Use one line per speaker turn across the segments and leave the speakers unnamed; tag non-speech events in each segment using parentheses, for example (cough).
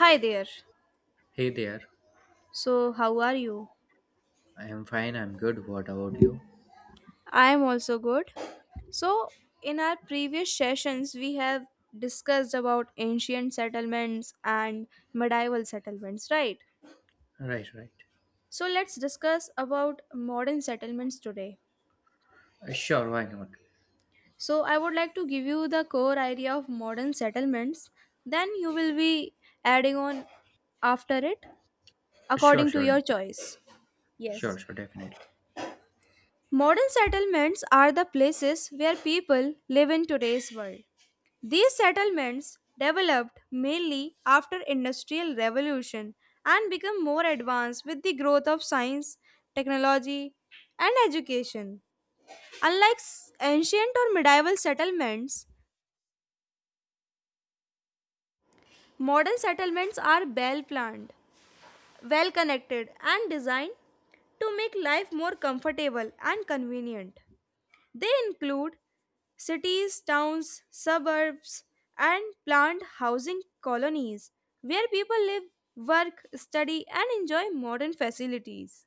Hi there.
Hey there.
So, how are you?
I am fine. I'm good. What about you?
I am also good. So, in our previous sessions, we have discussed about ancient settlements and medieval settlements, right?
Right, right.
So, let's discuss about modern settlements today.
Sure, why not?
So, I would like to give you the core idea of modern settlements, then you will be adding on after it
Sure,
according to
sure.
your choice. Yes.
Sure, sure, definitely.
Modern settlements are the places where people live in today's world. These settlements developed mainly after industrial revolution and become more advanced with the growth of science, technology and education. Unlike ancient or medieval settlements, modern settlements are well planned, well connected and designed to make life more comfortable and convenient. They include cities, towns, suburbs, and planned housing colonies where people live, work, study, and enjoy modern facilities.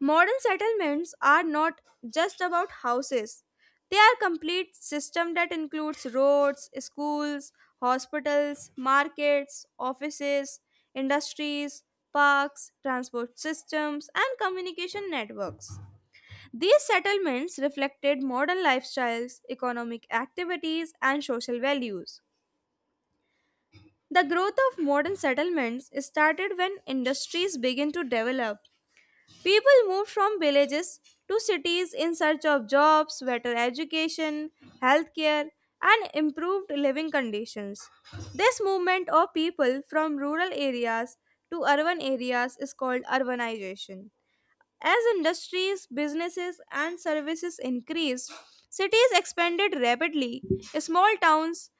Modern settlements are not just about houses, they are complete system that includes roads, schools, hospitals, markets, offices, industries, parks, transport systems, and communication networks. These settlements reflected modern lifestyles, economic activities, and social values. The growth of modern settlements started when industries began to develop. People moved from villages to cities in search of jobs, better education, healthcare, and improved living conditions. This movement of people from rural areas to urban areas is called urbanization. As industries, businesses, and services increased, cities expanded rapidly. Small towns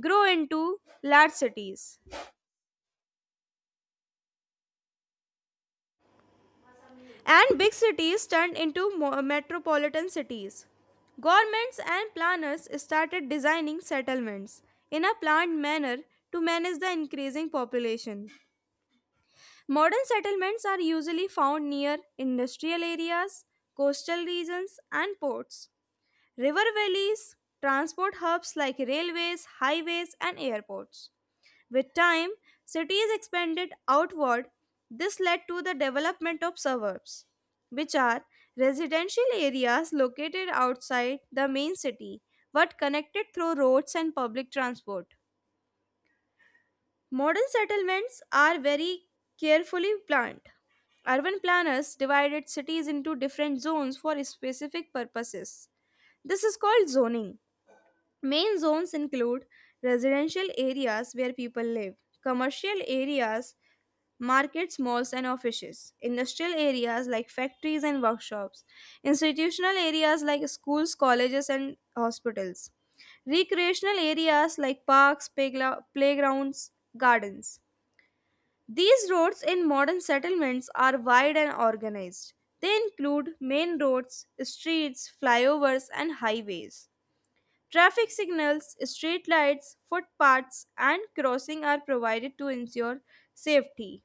grew into large cities, and big cities turned into metropolitan cities. Governments and planners started designing settlements in a planned manner to manage the increasing population. Modern settlements are usually found near industrial areas, coastal regions, and ports. River valleys transport hubs like railways, highways, and airports. With time, cities expanded outward. This led to the development of suburbs, which are residential areas located outside the main city but connected through roads and public transport. Modern settlements are very carefully planned. Urban planners divided cities into different zones for specific purposes. This is called zoning. Main zones include residential areas where people live, commercial areas, markets, malls, and offices, industrial areas like factories and workshops, institutional areas like schools, colleges, and hospitals, recreational areas like parks, playgrounds, gardens. These roads in modern settlements are wide and organized. They include main roads, streets, flyovers, and highways. Traffic signals, street lights, footpaths, and crossing are provided to ensure safety.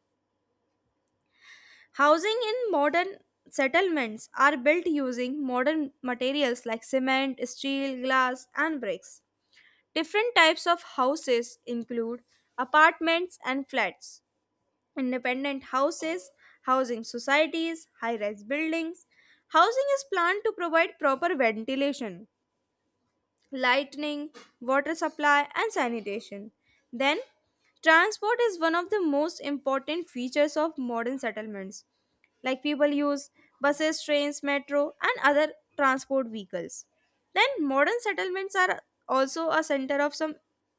Housing in modern settlements are built using modern materials like cement, steel, glass, and bricks. Different types of houses include apartments and flats, independent houses, housing societies, high rise buildings. Housing is planned to provide proper ventilation lighting, water supply, and sanitation. Then, transport is one of the most important features of modern settlements. Like people use buses, trains, metro, and other transport vehicles. Then, modern settlements are also a center of some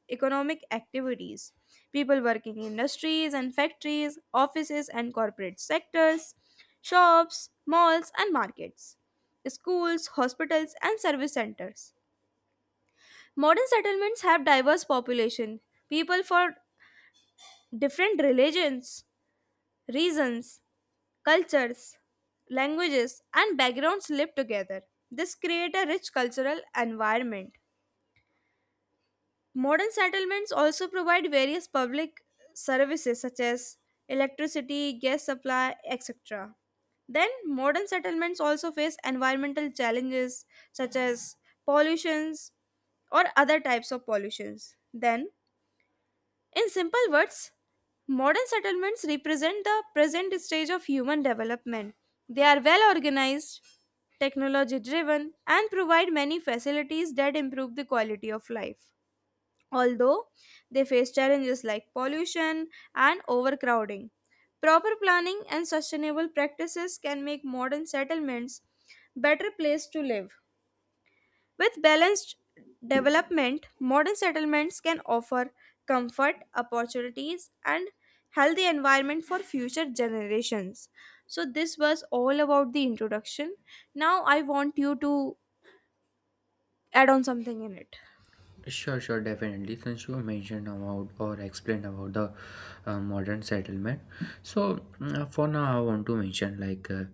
economic activities. People working in industries and factories, offices and corporate sectors, shops, malls, and markets, schools, hospitals, and service centers. Modern settlements have diverse population, people for different religions, reasons, cultures, languages, and backgrounds live together. This creates a rich cultural environment. Modern settlements also provide various public services such as electricity, gas supply, etc. Then, modern settlements also face environmental challenges such as pollutions, or other types of pollutions. Then, in simple words, modern settlements represent the present stage of human development. They are well organized, technology driven, and provide many facilities that improve the quality of life. Although they face challenges like pollution and overcrowding, proper planning and sustainable practices can make modern settlements better place to live. With balanced development, modern settlements can offer comfort, opportunities, and healthy environment for future generations. So this was all about the introduction. Now I want you to add on something in it.
Sure, sure, definitely. Since you mentioned about or explained about the modern settlement, so for now I want to mention like uh,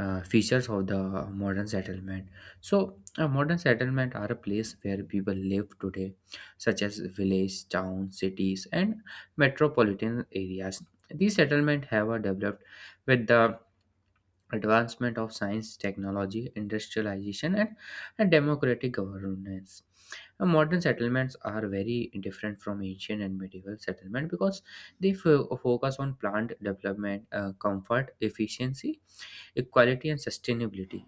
uh, features of the modern settlement. So a modern settlement are a place where people live today, such as village, town, cities, and metropolitan areas. These settlements have developed with the advancement of science, technology, industrialization, and democratic governance. Modern settlements are very different from ancient and medieval settlement because they focus on plant development, comfort, efficiency, equality, and sustainability.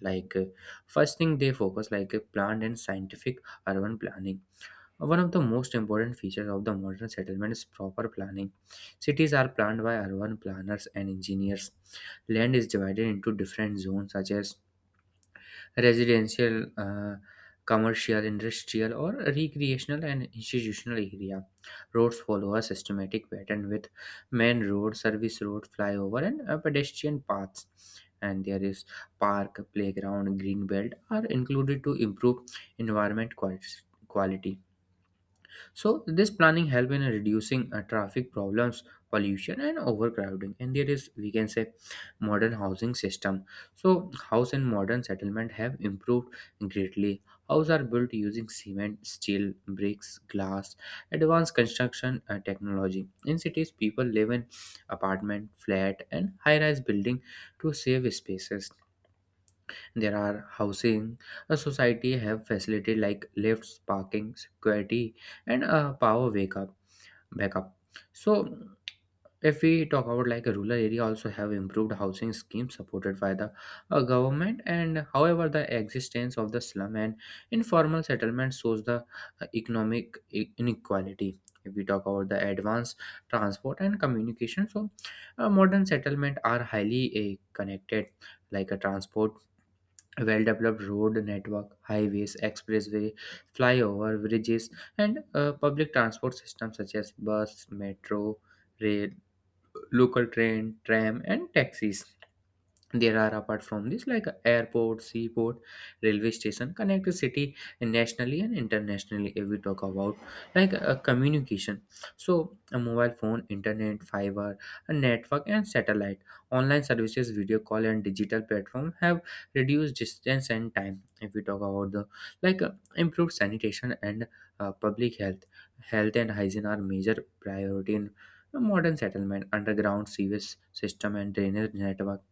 Like first thing they focus, like plant and scientific urban planning. One of the most important features of the modern settlement is proper planning. Cities are planned by urban planners and engineers. Land is divided into different zones such as residential, commercial, industrial, or recreational and institutional area. Roads follow a systematic pattern with main road, service road, flyover, and pedestrian paths. And there is park, playground, green belt are included to improve environment quality. So this planning help in reducing traffic problems, pollution, and overcrowding. And there is, we can say, modern housing system. So house and modern settlement have improved greatly. Houses are built using cement, steel, bricks, glass, advanced construction technology. In cities, people live in apartment, flat, and high-rise building to save spaces. There are housing. A society have facility like lifts, parking, security, and a power wake up backup. So if we talk about, like, a rural area also have improved housing schemes supported by the government, and however the existence of the slum and informal settlement shows the economic inequality. If we talk about the advanced transport and communication, so modern settlement are highly connected, like a transport, a well-developed road network, highways, expressway, flyover bridges, and public transport systems such as bus, metro, rail, local train, tram, and taxis. There are, apart from this, like airport, seaport, railway station connect the city nationally and internationally. If we talk about, like communication, so a mobile phone, internet, fiber, a network, and satellite, online services, video call, and digital platform have reduced distance and time. If we talk about the, like improved sanitation and public health, health and hygiene are major priority in modern settlement. Underground sewage system and drainage network,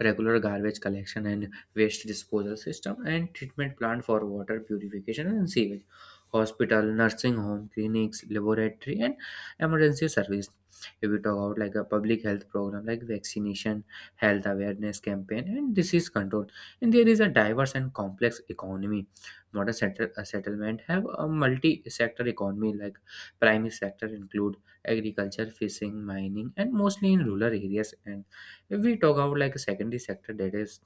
regular garbage collection and waste disposal system, and treatment plant for water purification and sewage, hospital, nursing home, clinics, laboratory, and emergency service. If we talk about like a public health program, like vaccination, health awareness campaign, and disease control, and there is a diverse and complex economy. Modern settlement have a multi-sector economy like primary sector include agriculture, fishing, mining, and mostly in rural areas, and if we talk about like a secondary sector, that is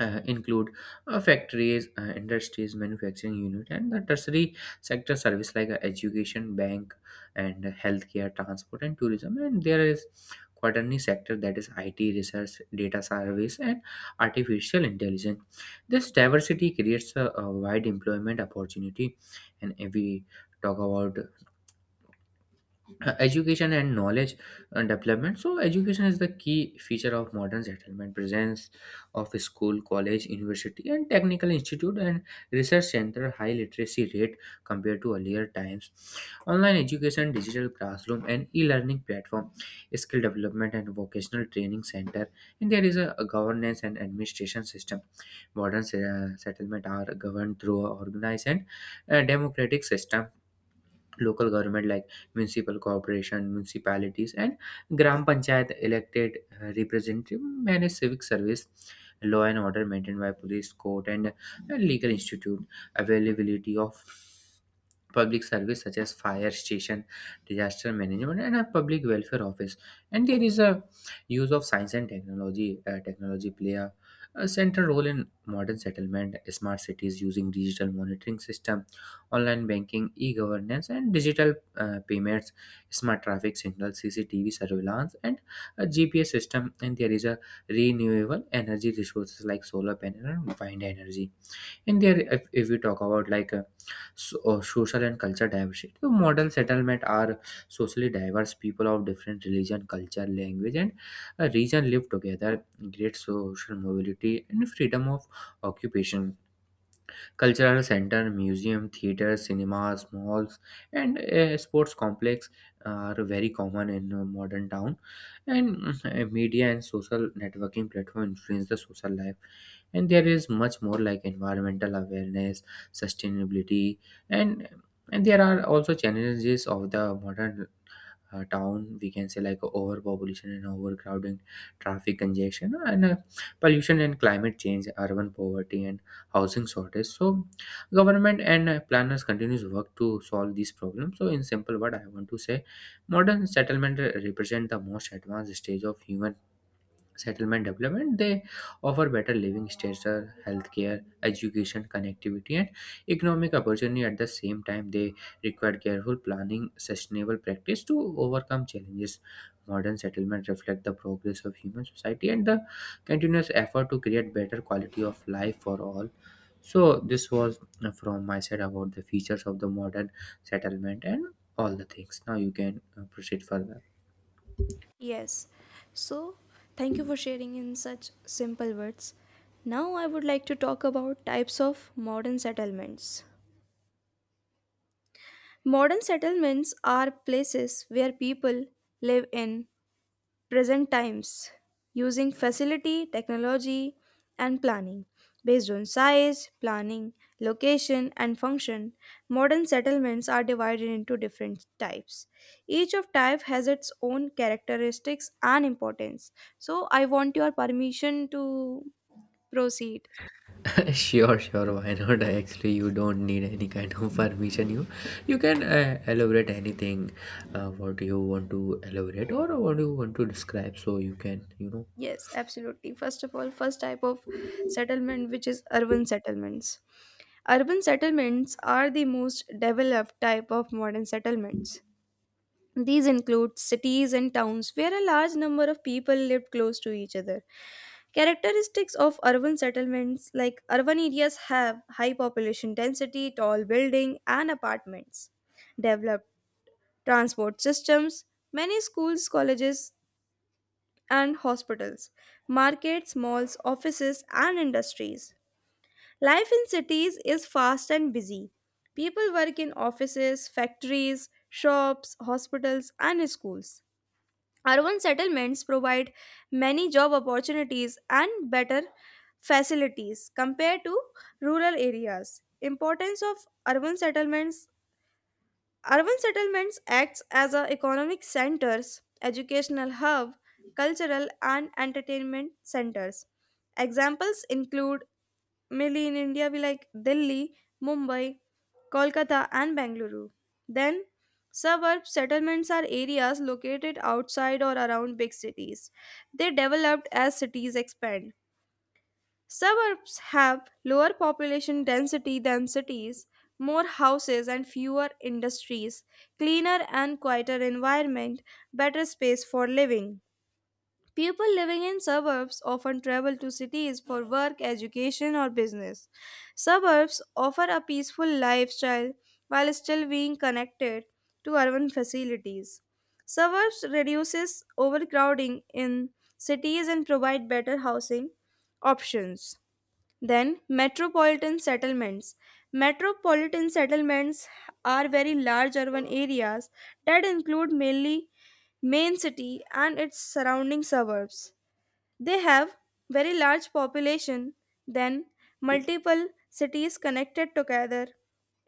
include factories, industries, manufacturing unit, and the tertiary sector service like education, bank, and healthcare, transport, and tourism. And there is quaternary sector, that is IT research, data service, and artificial intelligence. This diversity creates a wide employment opportunity. And if we talk about education and knowledge development, so education is the key feature of modern settlement, presence of a school, college, university, and technical institute, and research center, high literacy rate compared to earlier times, online education, digital classroom, and e-learning platform, skill development, and vocational training center. And there is a governance and administration system. Modern settlement are governed through organized and democratic system. Local government like municipal corporation, municipalities, and gram panchayat, elected representative manage civic service, law and order maintained by police, court, and legal institute, availability of public service such as fire station, disaster management, and a public welfare office. And there is a use of science and technology. Technology play a central role in modern settlement, smart cities using digital monitoring system, online banking, e-governance, and digital payments, smart traffic signal, CCTV surveillance, and a GPS system. And there is a renewable energy resources like solar panel and wind energy. And there, if we talk about like so, social and cultural diversity. The Model settlement are socially diverse, people of different religion, culture, language, and region live together, great social mobility, and freedom of occupation, cultural center, museum, theater, cinemas, malls, and sports complex are very common in modern town. And media and social networking platform influence the social life. And there is much more, like environmental awareness, sustainability, and and there are also challenges of the modern town, we can say, like overpopulation and overcrowding, traffic congestion and pollution and climate change, urban poverty and housing shortage. So government and planners continues work to solve these problems. So, in simple word, I want to say modern settlement represent the most advanced stage of human settlement development. They offer better living standards, healthcare, education, connectivity, and economic opportunity. At the same time, they require careful planning, sustainable practice to overcome challenges. Modern settlements reflect the progress of human society and the continuous effort to create better quality of life for all. So this was from my side about the features of the modern settlement, and all the things now you can proceed further.
Yes. So, thank you for sharing in such simple words. Now, I would like to talk about types of modern settlements. Modern settlements are places where people live in present times using facility, technology, and planning. Based on size, planning, location, and function, modern settlements are divided into different types. Each of type has its own characteristics and importance. So I want your permission to proceed.
(laughs) Sure, sure. Why not? Actually, you don't need any kind of permission. You can elaborate anything. What you want to elaborate or what you want to describe, so you can.
Yes, absolutely. First of all, first type of settlement which is urban settlements. Urban settlements are the most developed type of modern settlements. These include cities and towns where a large number of people lived close to each other. Characteristics of urban settlements like urban areas have high population density, tall building and apartments, developed transport systems, many schools, colleges and hospitals, markets, malls, offices and industries. Life in cities is fast and busy. People work in offices, factories, shops, hospitals and schools. Urban settlements provide many job opportunities and better facilities compared to rural areas. Importance of urban settlements. Urban settlements acts as a economic centers, educational hub, cultural and entertainment centers. Examples include mainly in India, we like Delhi, Mumbai, Kolkata, and Bangalore. Then, suburb settlements are areas located outside or around big cities. They developed as cities expand. Suburbs have lower population density than cities, more houses and fewer industries, cleaner and quieter environment, better space for living. People living in suburbs often travel to cities for work, education, or business. Suburbs offer a peaceful lifestyle while still being connected to urban facilities. Suburbs reduces overcrowding in cities and provide better housing options. Then, metropolitan settlements. Metropolitan settlements are very large urban areas that include mainly main city and its surrounding suburbs. They have very large population, then multiple cities connected together,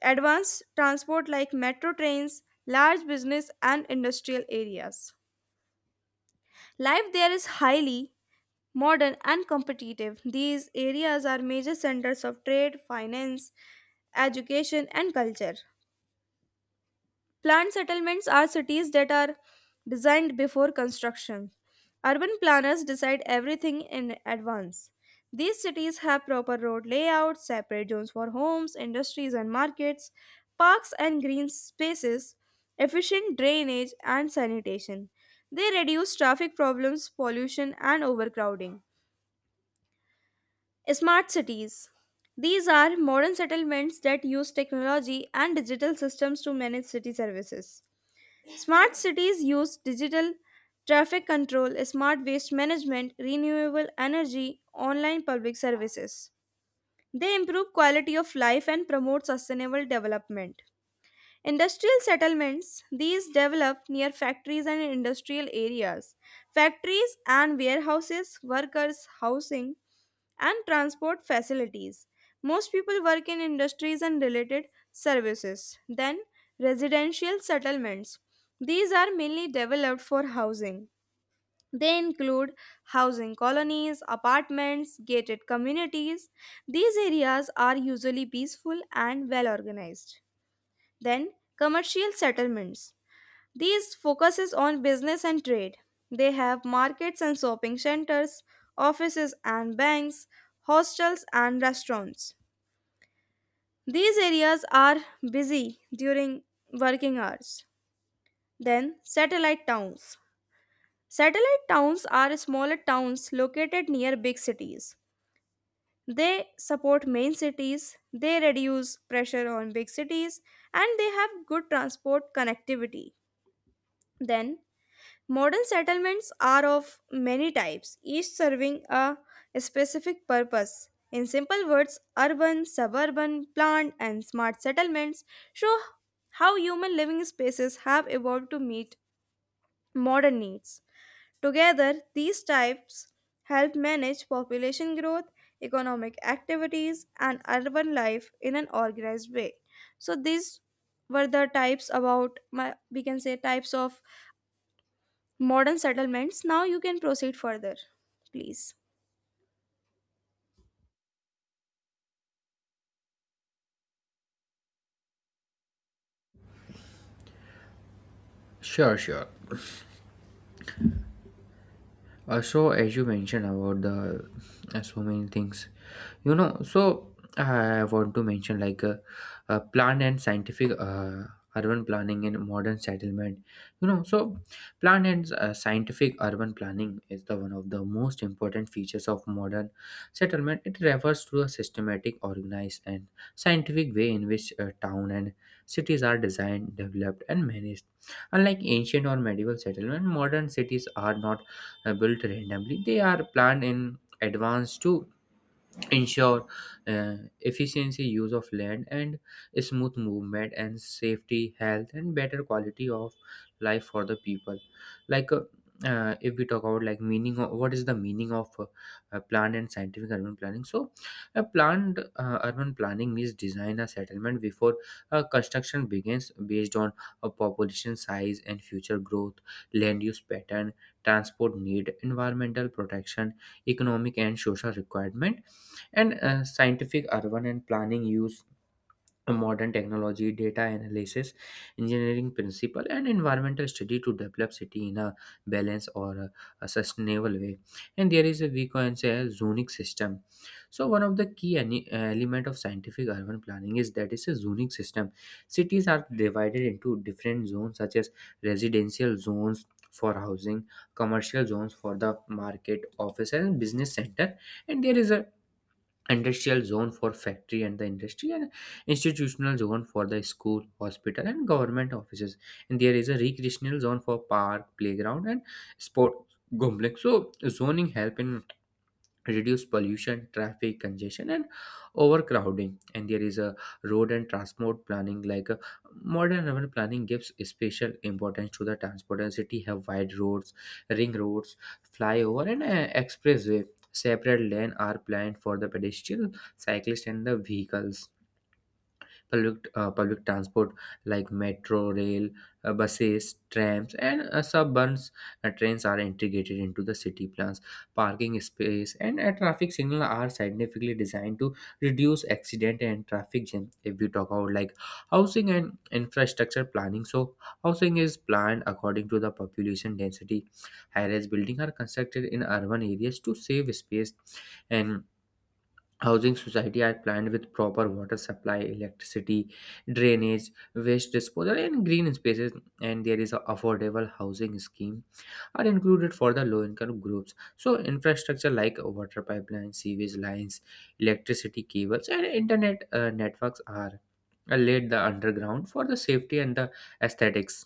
advanced transport like metro trains, large business and industrial areas. Life there is highly modern and competitive. These areas are major centers of trade, finance, education, and culture. Planned settlements are cities that are designed before construction. Urban planners decide everything in advance. These cities have proper road layouts, separate zones for homes, industries, and markets, parks and green spaces, efficient drainage, and sanitation. They reduce traffic problems, pollution, and overcrowding. Smart cities. These are modern settlements that use technology and digital systems to manage city services. Smart cities use digital traffic control, smart waste management, renewable energy, online public services. They improve quality of life and promote sustainable development. Industrial settlements. These develop near factories and industrial areas. Factories and warehouses, workers, housing, and transport facilities. Most people work in industries and related services. Then, residential settlements. These are mainly developed for housing. They include housing colonies, apartments, gated communities. These areas are usually peaceful and well organized. Then, commercial settlements. These focuses on business and trade. They have markets and shopping centers, offices and banks, hostels and restaurants. These areas are busy during working hours. Then satellite towns. Satellite towns are smaller towns located near big cities. They support main cities, they reduce pressure on big cities, and they have good transport connectivity. Then modern settlements are of many types, each serving a specific purpose. In simple words, urban, suburban, planned, and smart settlements show how human living spaces have evolved to meet modern needs. Together, these types help manage population growth, economic activities, and urban life in an organized way. So, these were the types about my we can say types of modern settlements. Now you can proceed further, please.
Sure, sure. So as you mentioned about the so many things. So I want to mention like plant and scientific urban planning in modern settlement. So plant and scientific urban planning is the one of the most important features of modern settlement. It refers to a systematic, organized, and scientific way in which town and cities are designed, developed, and managed. Unlike ancient or medieval settlement, modern cities are not built randomly. They are planned in advance to ensure efficiency use of land and smooth movement and safety, health, and better quality of life for the people. Like if we talk about, like, meaning of, what is the meaning of planned and scientific urban planning, so a planned urban planning means design a settlement before construction begins, based on a population size and future growth, land use pattern, transport need, environmental protection, economic and social requirement. And scientific urban and planning use modern technology, data analysis, engineering principle, and environmental study to develop city in a balanced or a sustainable way. And there is, a we can say, a zonic system. So one of the key element of scientific urban planning is that it's a zoning system. Cities are divided into different zones such as residential zones for housing, commercial zones for the market, office, and business center, and there is a industrial zone for factory and the industry, and institutional zone for the school, hospital, and government offices, and there is a recreational zone for park, playground, and sport complex. So zoning help in reduce pollution, traffic congestion, and overcrowding. And there is a road and transport planning, like a modern urban planning, gives special importance to the transport. And city have wide roads, ring roads, flyover, and expressway. Separate lane are planned for the pedestrian, cyclist, and the vehicles. Public transport like metro, rail, buses, trams, and suburbans trains are integrated into the city plans. Parking space and traffic signal are significantly designed to reduce accident and traffic jam. If we talk about, like, housing and infrastructure planning, so housing is planned according to the population density. High-rise buildings are constructed in urban areas to save space, and housing society are planned with proper water supply, electricity, drainage, waste disposal, and green spaces. And there is a affordable housing scheme are included for the low income groups. So infrastructure like water pipelines, sewage lines, electricity cables, and internet networks are laid the underground for the safety and the aesthetics.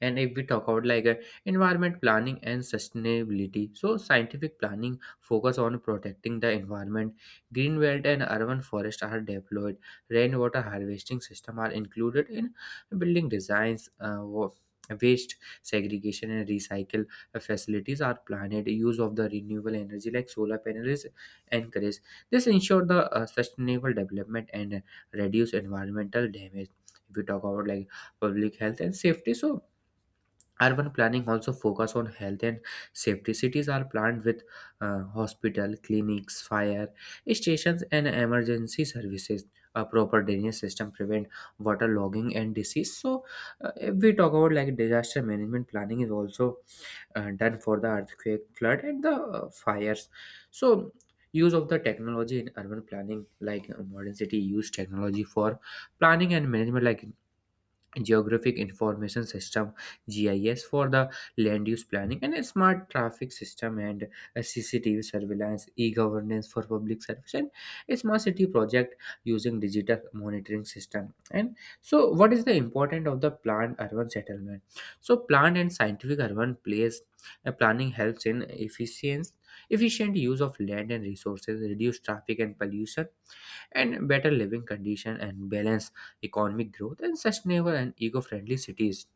And if we talk about like environment planning and sustainability, so scientific planning focus on protecting the environment. Green belt and urban forest are deployed, rainwater harvesting system are included in building designs, waste segregation and recycle facilities are planned, use of the renewable energy like solar panels encouraged. This ensure the sustainable development and reduce environmental damage. If we talk about like public health and safety, so urban planning also focus on health and safety. Cities are planned with hospital, clinics, fire stations, and emergency services. A proper drainage system prevent water logging and disease. So if we talk about like disaster management, planning is also done for the earthquake, flood, and the fires. So use of the technology in urban planning, like modern city use technology for planning and management, like geographic information system, gis, for the land use planning, and a smart traffic system, and a cctv surveillance, e-governance for public service, and a smart city project using digital monitoring system. And so what is the important of the planned urban settlement? So planned and scientific urban place planning helps in efficient efficient use of land and resources, reduce traffic and pollution, and better living conditions, and balance economic growth, and sustainable and eco-friendly cities.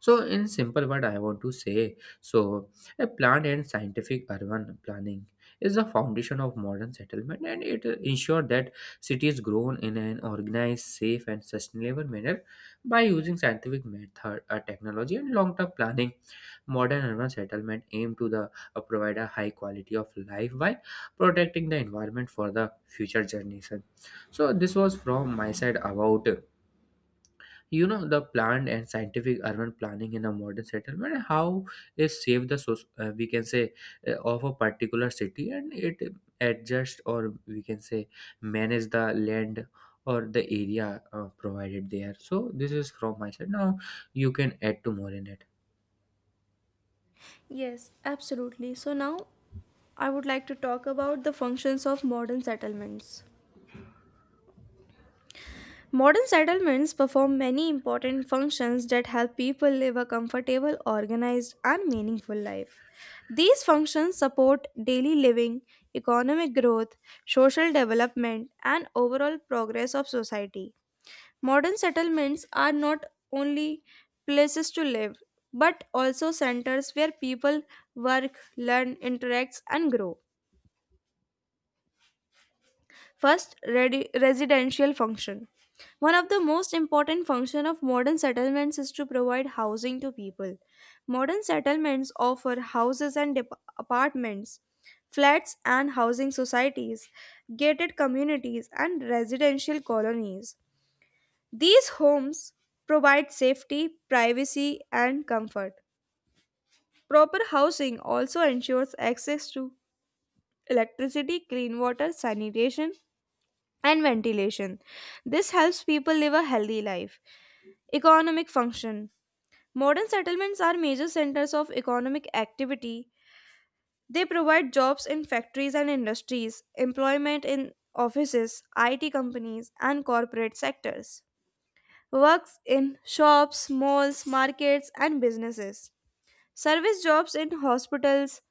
So, in simple word, I want to say, so a planned and scientific urban planning is the foundation of modern settlement, and it ensures that cities grow in an organized, safe, and sustainable manner by using scientific method, technology, and long-term planning. Modern urban settlement aim to the provide a high quality of life by protecting the environment for the future generation. So, this was from my side about the planned and scientific urban planning in a modern settlement, how it save the we can say of a particular city, and it adjust, or we can say manage the land or the area provided there. So this is from my side. Now you can add to more in it.
Yes, absolutely. So now I would like to talk about the functions of modern settlements. Modern settlements perform many important functions that help people live a comfortable, organized, and meaningful life. These functions support daily living, economic growth, social development, and overall progress of society. Modern settlements are not only places to live, but also centers where people work, learn, interact, and grow. First, residential function. One of the most important function of modern settlements is to provide housing to people. Modern settlements offer houses and apartments, flats and housing societies, gated communities, and residential colonies. These homes provide safety, privacy, and comfort. Proper housing also ensures access to electricity, clean water, sanitation, and ventilation. This helps people live a healthy life. Economic function. Modern settlements are major centers of economic activity. They provide jobs in factories and industries, employment in offices, IT companies, and corporate sectors. Works in shops, malls, markets, and businesses. Service jobs in hospitals,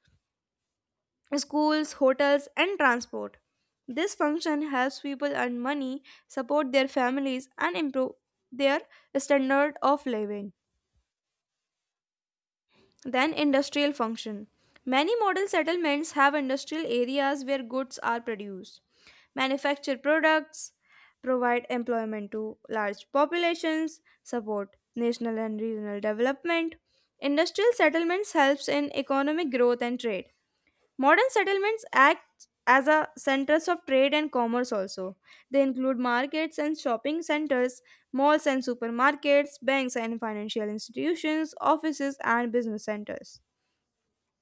schools, hotels, and transport. This function helps people earn money, support their families, and improve their standard of living. Then industrial function. Many model settlements have industrial areas where goods are produced, manufacture products, provide employment to large populations, support national and regional development. Industrial settlements helps in economic growth and trade. Modern settlements act as a centers of trade and commerce also. They include markets and shopping centers, malls and supermarkets, banks and financial institutions, offices and business centers.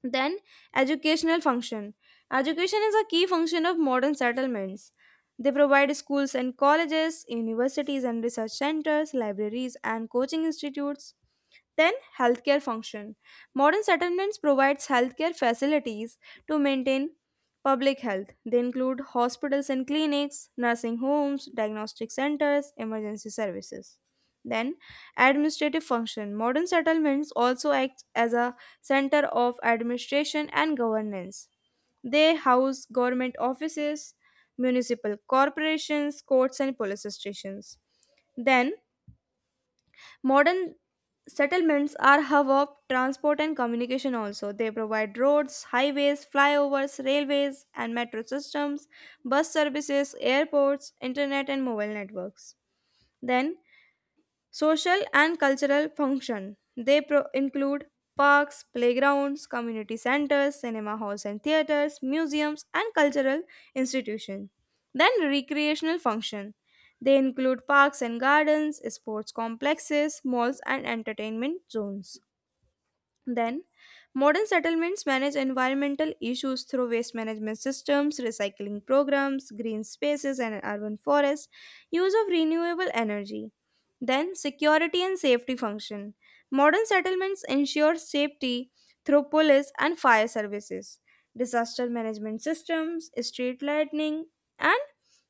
Then, educational function. Education is a key function of modern settlements. They provide schools and colleges, universities and research centers, libraries and coaching institutes. Then, healthcare function. Modern settlements provides healthcare facilities to maintain public health. They include hospitals and clinics, nursing homes, diagnostic centers, emergency services. Then, administrative function. Modern settlements also act as a center of administration and governance. They house government offices, municipal corporations, courts, and police stations. Then, modern settlements are hub of transport and communication also. They provide roads, highways, flyovers, railways and metro systems, bus services, airports, internet and mobile networks. Then social and cultural function. They include parks, playgrounds, community centers, cinema halls and theaters, museums, and cultural institutions. Then recreational function. They include parks and gardens, sports complexes, malls, and entertainment zones. Then, modern settlements manage environmental issues through waste management systems, recycling programs, green spaces and urban forests, use of renewable energy. Then, security and safety function. Modern settlements ensure safety through police and fire services, disaster management systems, street lighting, and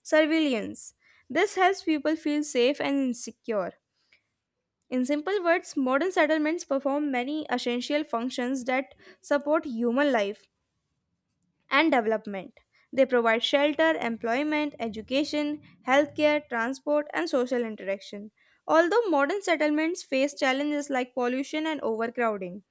surveillance. This helps people feel safe and secure. In simple words, modern settlements perform many essential functions that support human life and development. They provide shelter, employment, education, healthcare, transport, and social interaction. Although modern settlements face challenges like pollution and overcrowding,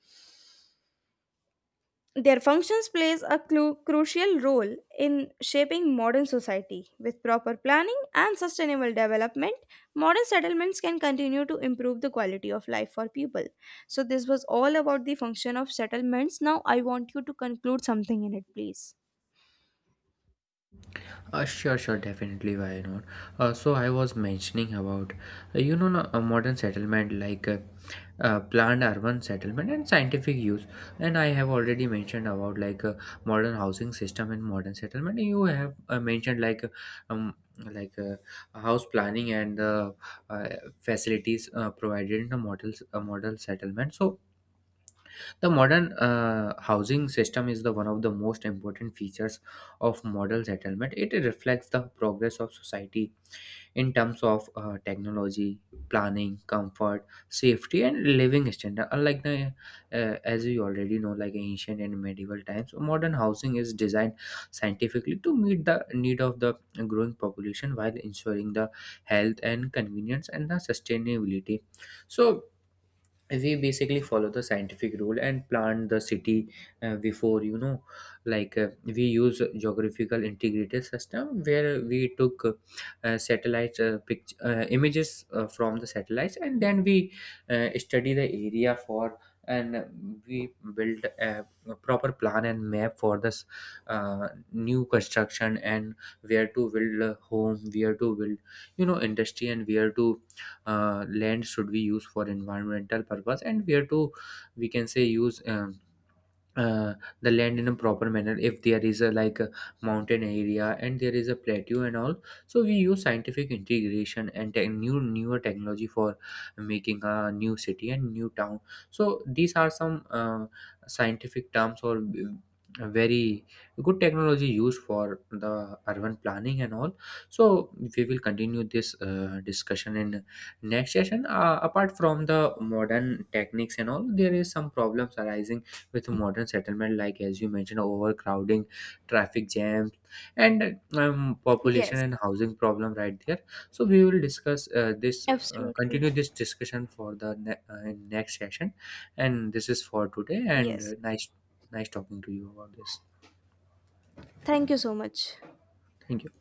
their functions plays a crucial role in shaping modern society. With proper planning and sustainable development, modern settlements can continue to improve the quality of life for people. So this was all about the function of settlements. Now I want you to conclude something in it, please.
Sure, sure, definitely, why not. So I was mentioning about no, a modern settlement, like planned urban settlement and scientific use. And I have already mentioned about, like, modern housing system and modern settlement. You have mentioned, like, um, like uh, house planning and uh, facilities provided in the models, a model settlement. So the modern housing system is the one of the most important features of model settlement. It reflects the progress of society in terms of technology, planning, comfort, safety, and living standard. Unlike the as you already know, like ancient and medieval times, modern housing is designed scientifically to meet the need of the growing population while ensuring the health and convenience and the sustainability. So we basically follow the scientific rule and plan the city before, you know, like, we use geographical integrated system, where we took satellite images from the satellites, and then we study the area for, and we build a proper plan and map for this new construction, and where to build a home, where to build, you know, industry, and where to land should be used for environmental purpose, and where to, we can say, use uh, the land in a proper manner. If there is a, like, a mountain area and there is a plateau and all, so we use scientific integration and tech new newer technology for making a new city and new town. So these are some scientific terms or very good technology used for the urban planning and all. So we will continue this discussion in next session. Apart from the modern techniques and all, there is some problems arising with modern settlement, like, as you mentioned, overcrowding, traffic jams, and population
Yes,
and housing problem, right there. So we will discuss this,
absolutely.
continue this discussion for the in next session. And this is for today, and
Yes.
nice, nice talking to you about this.
Thank you so much.
Thank you.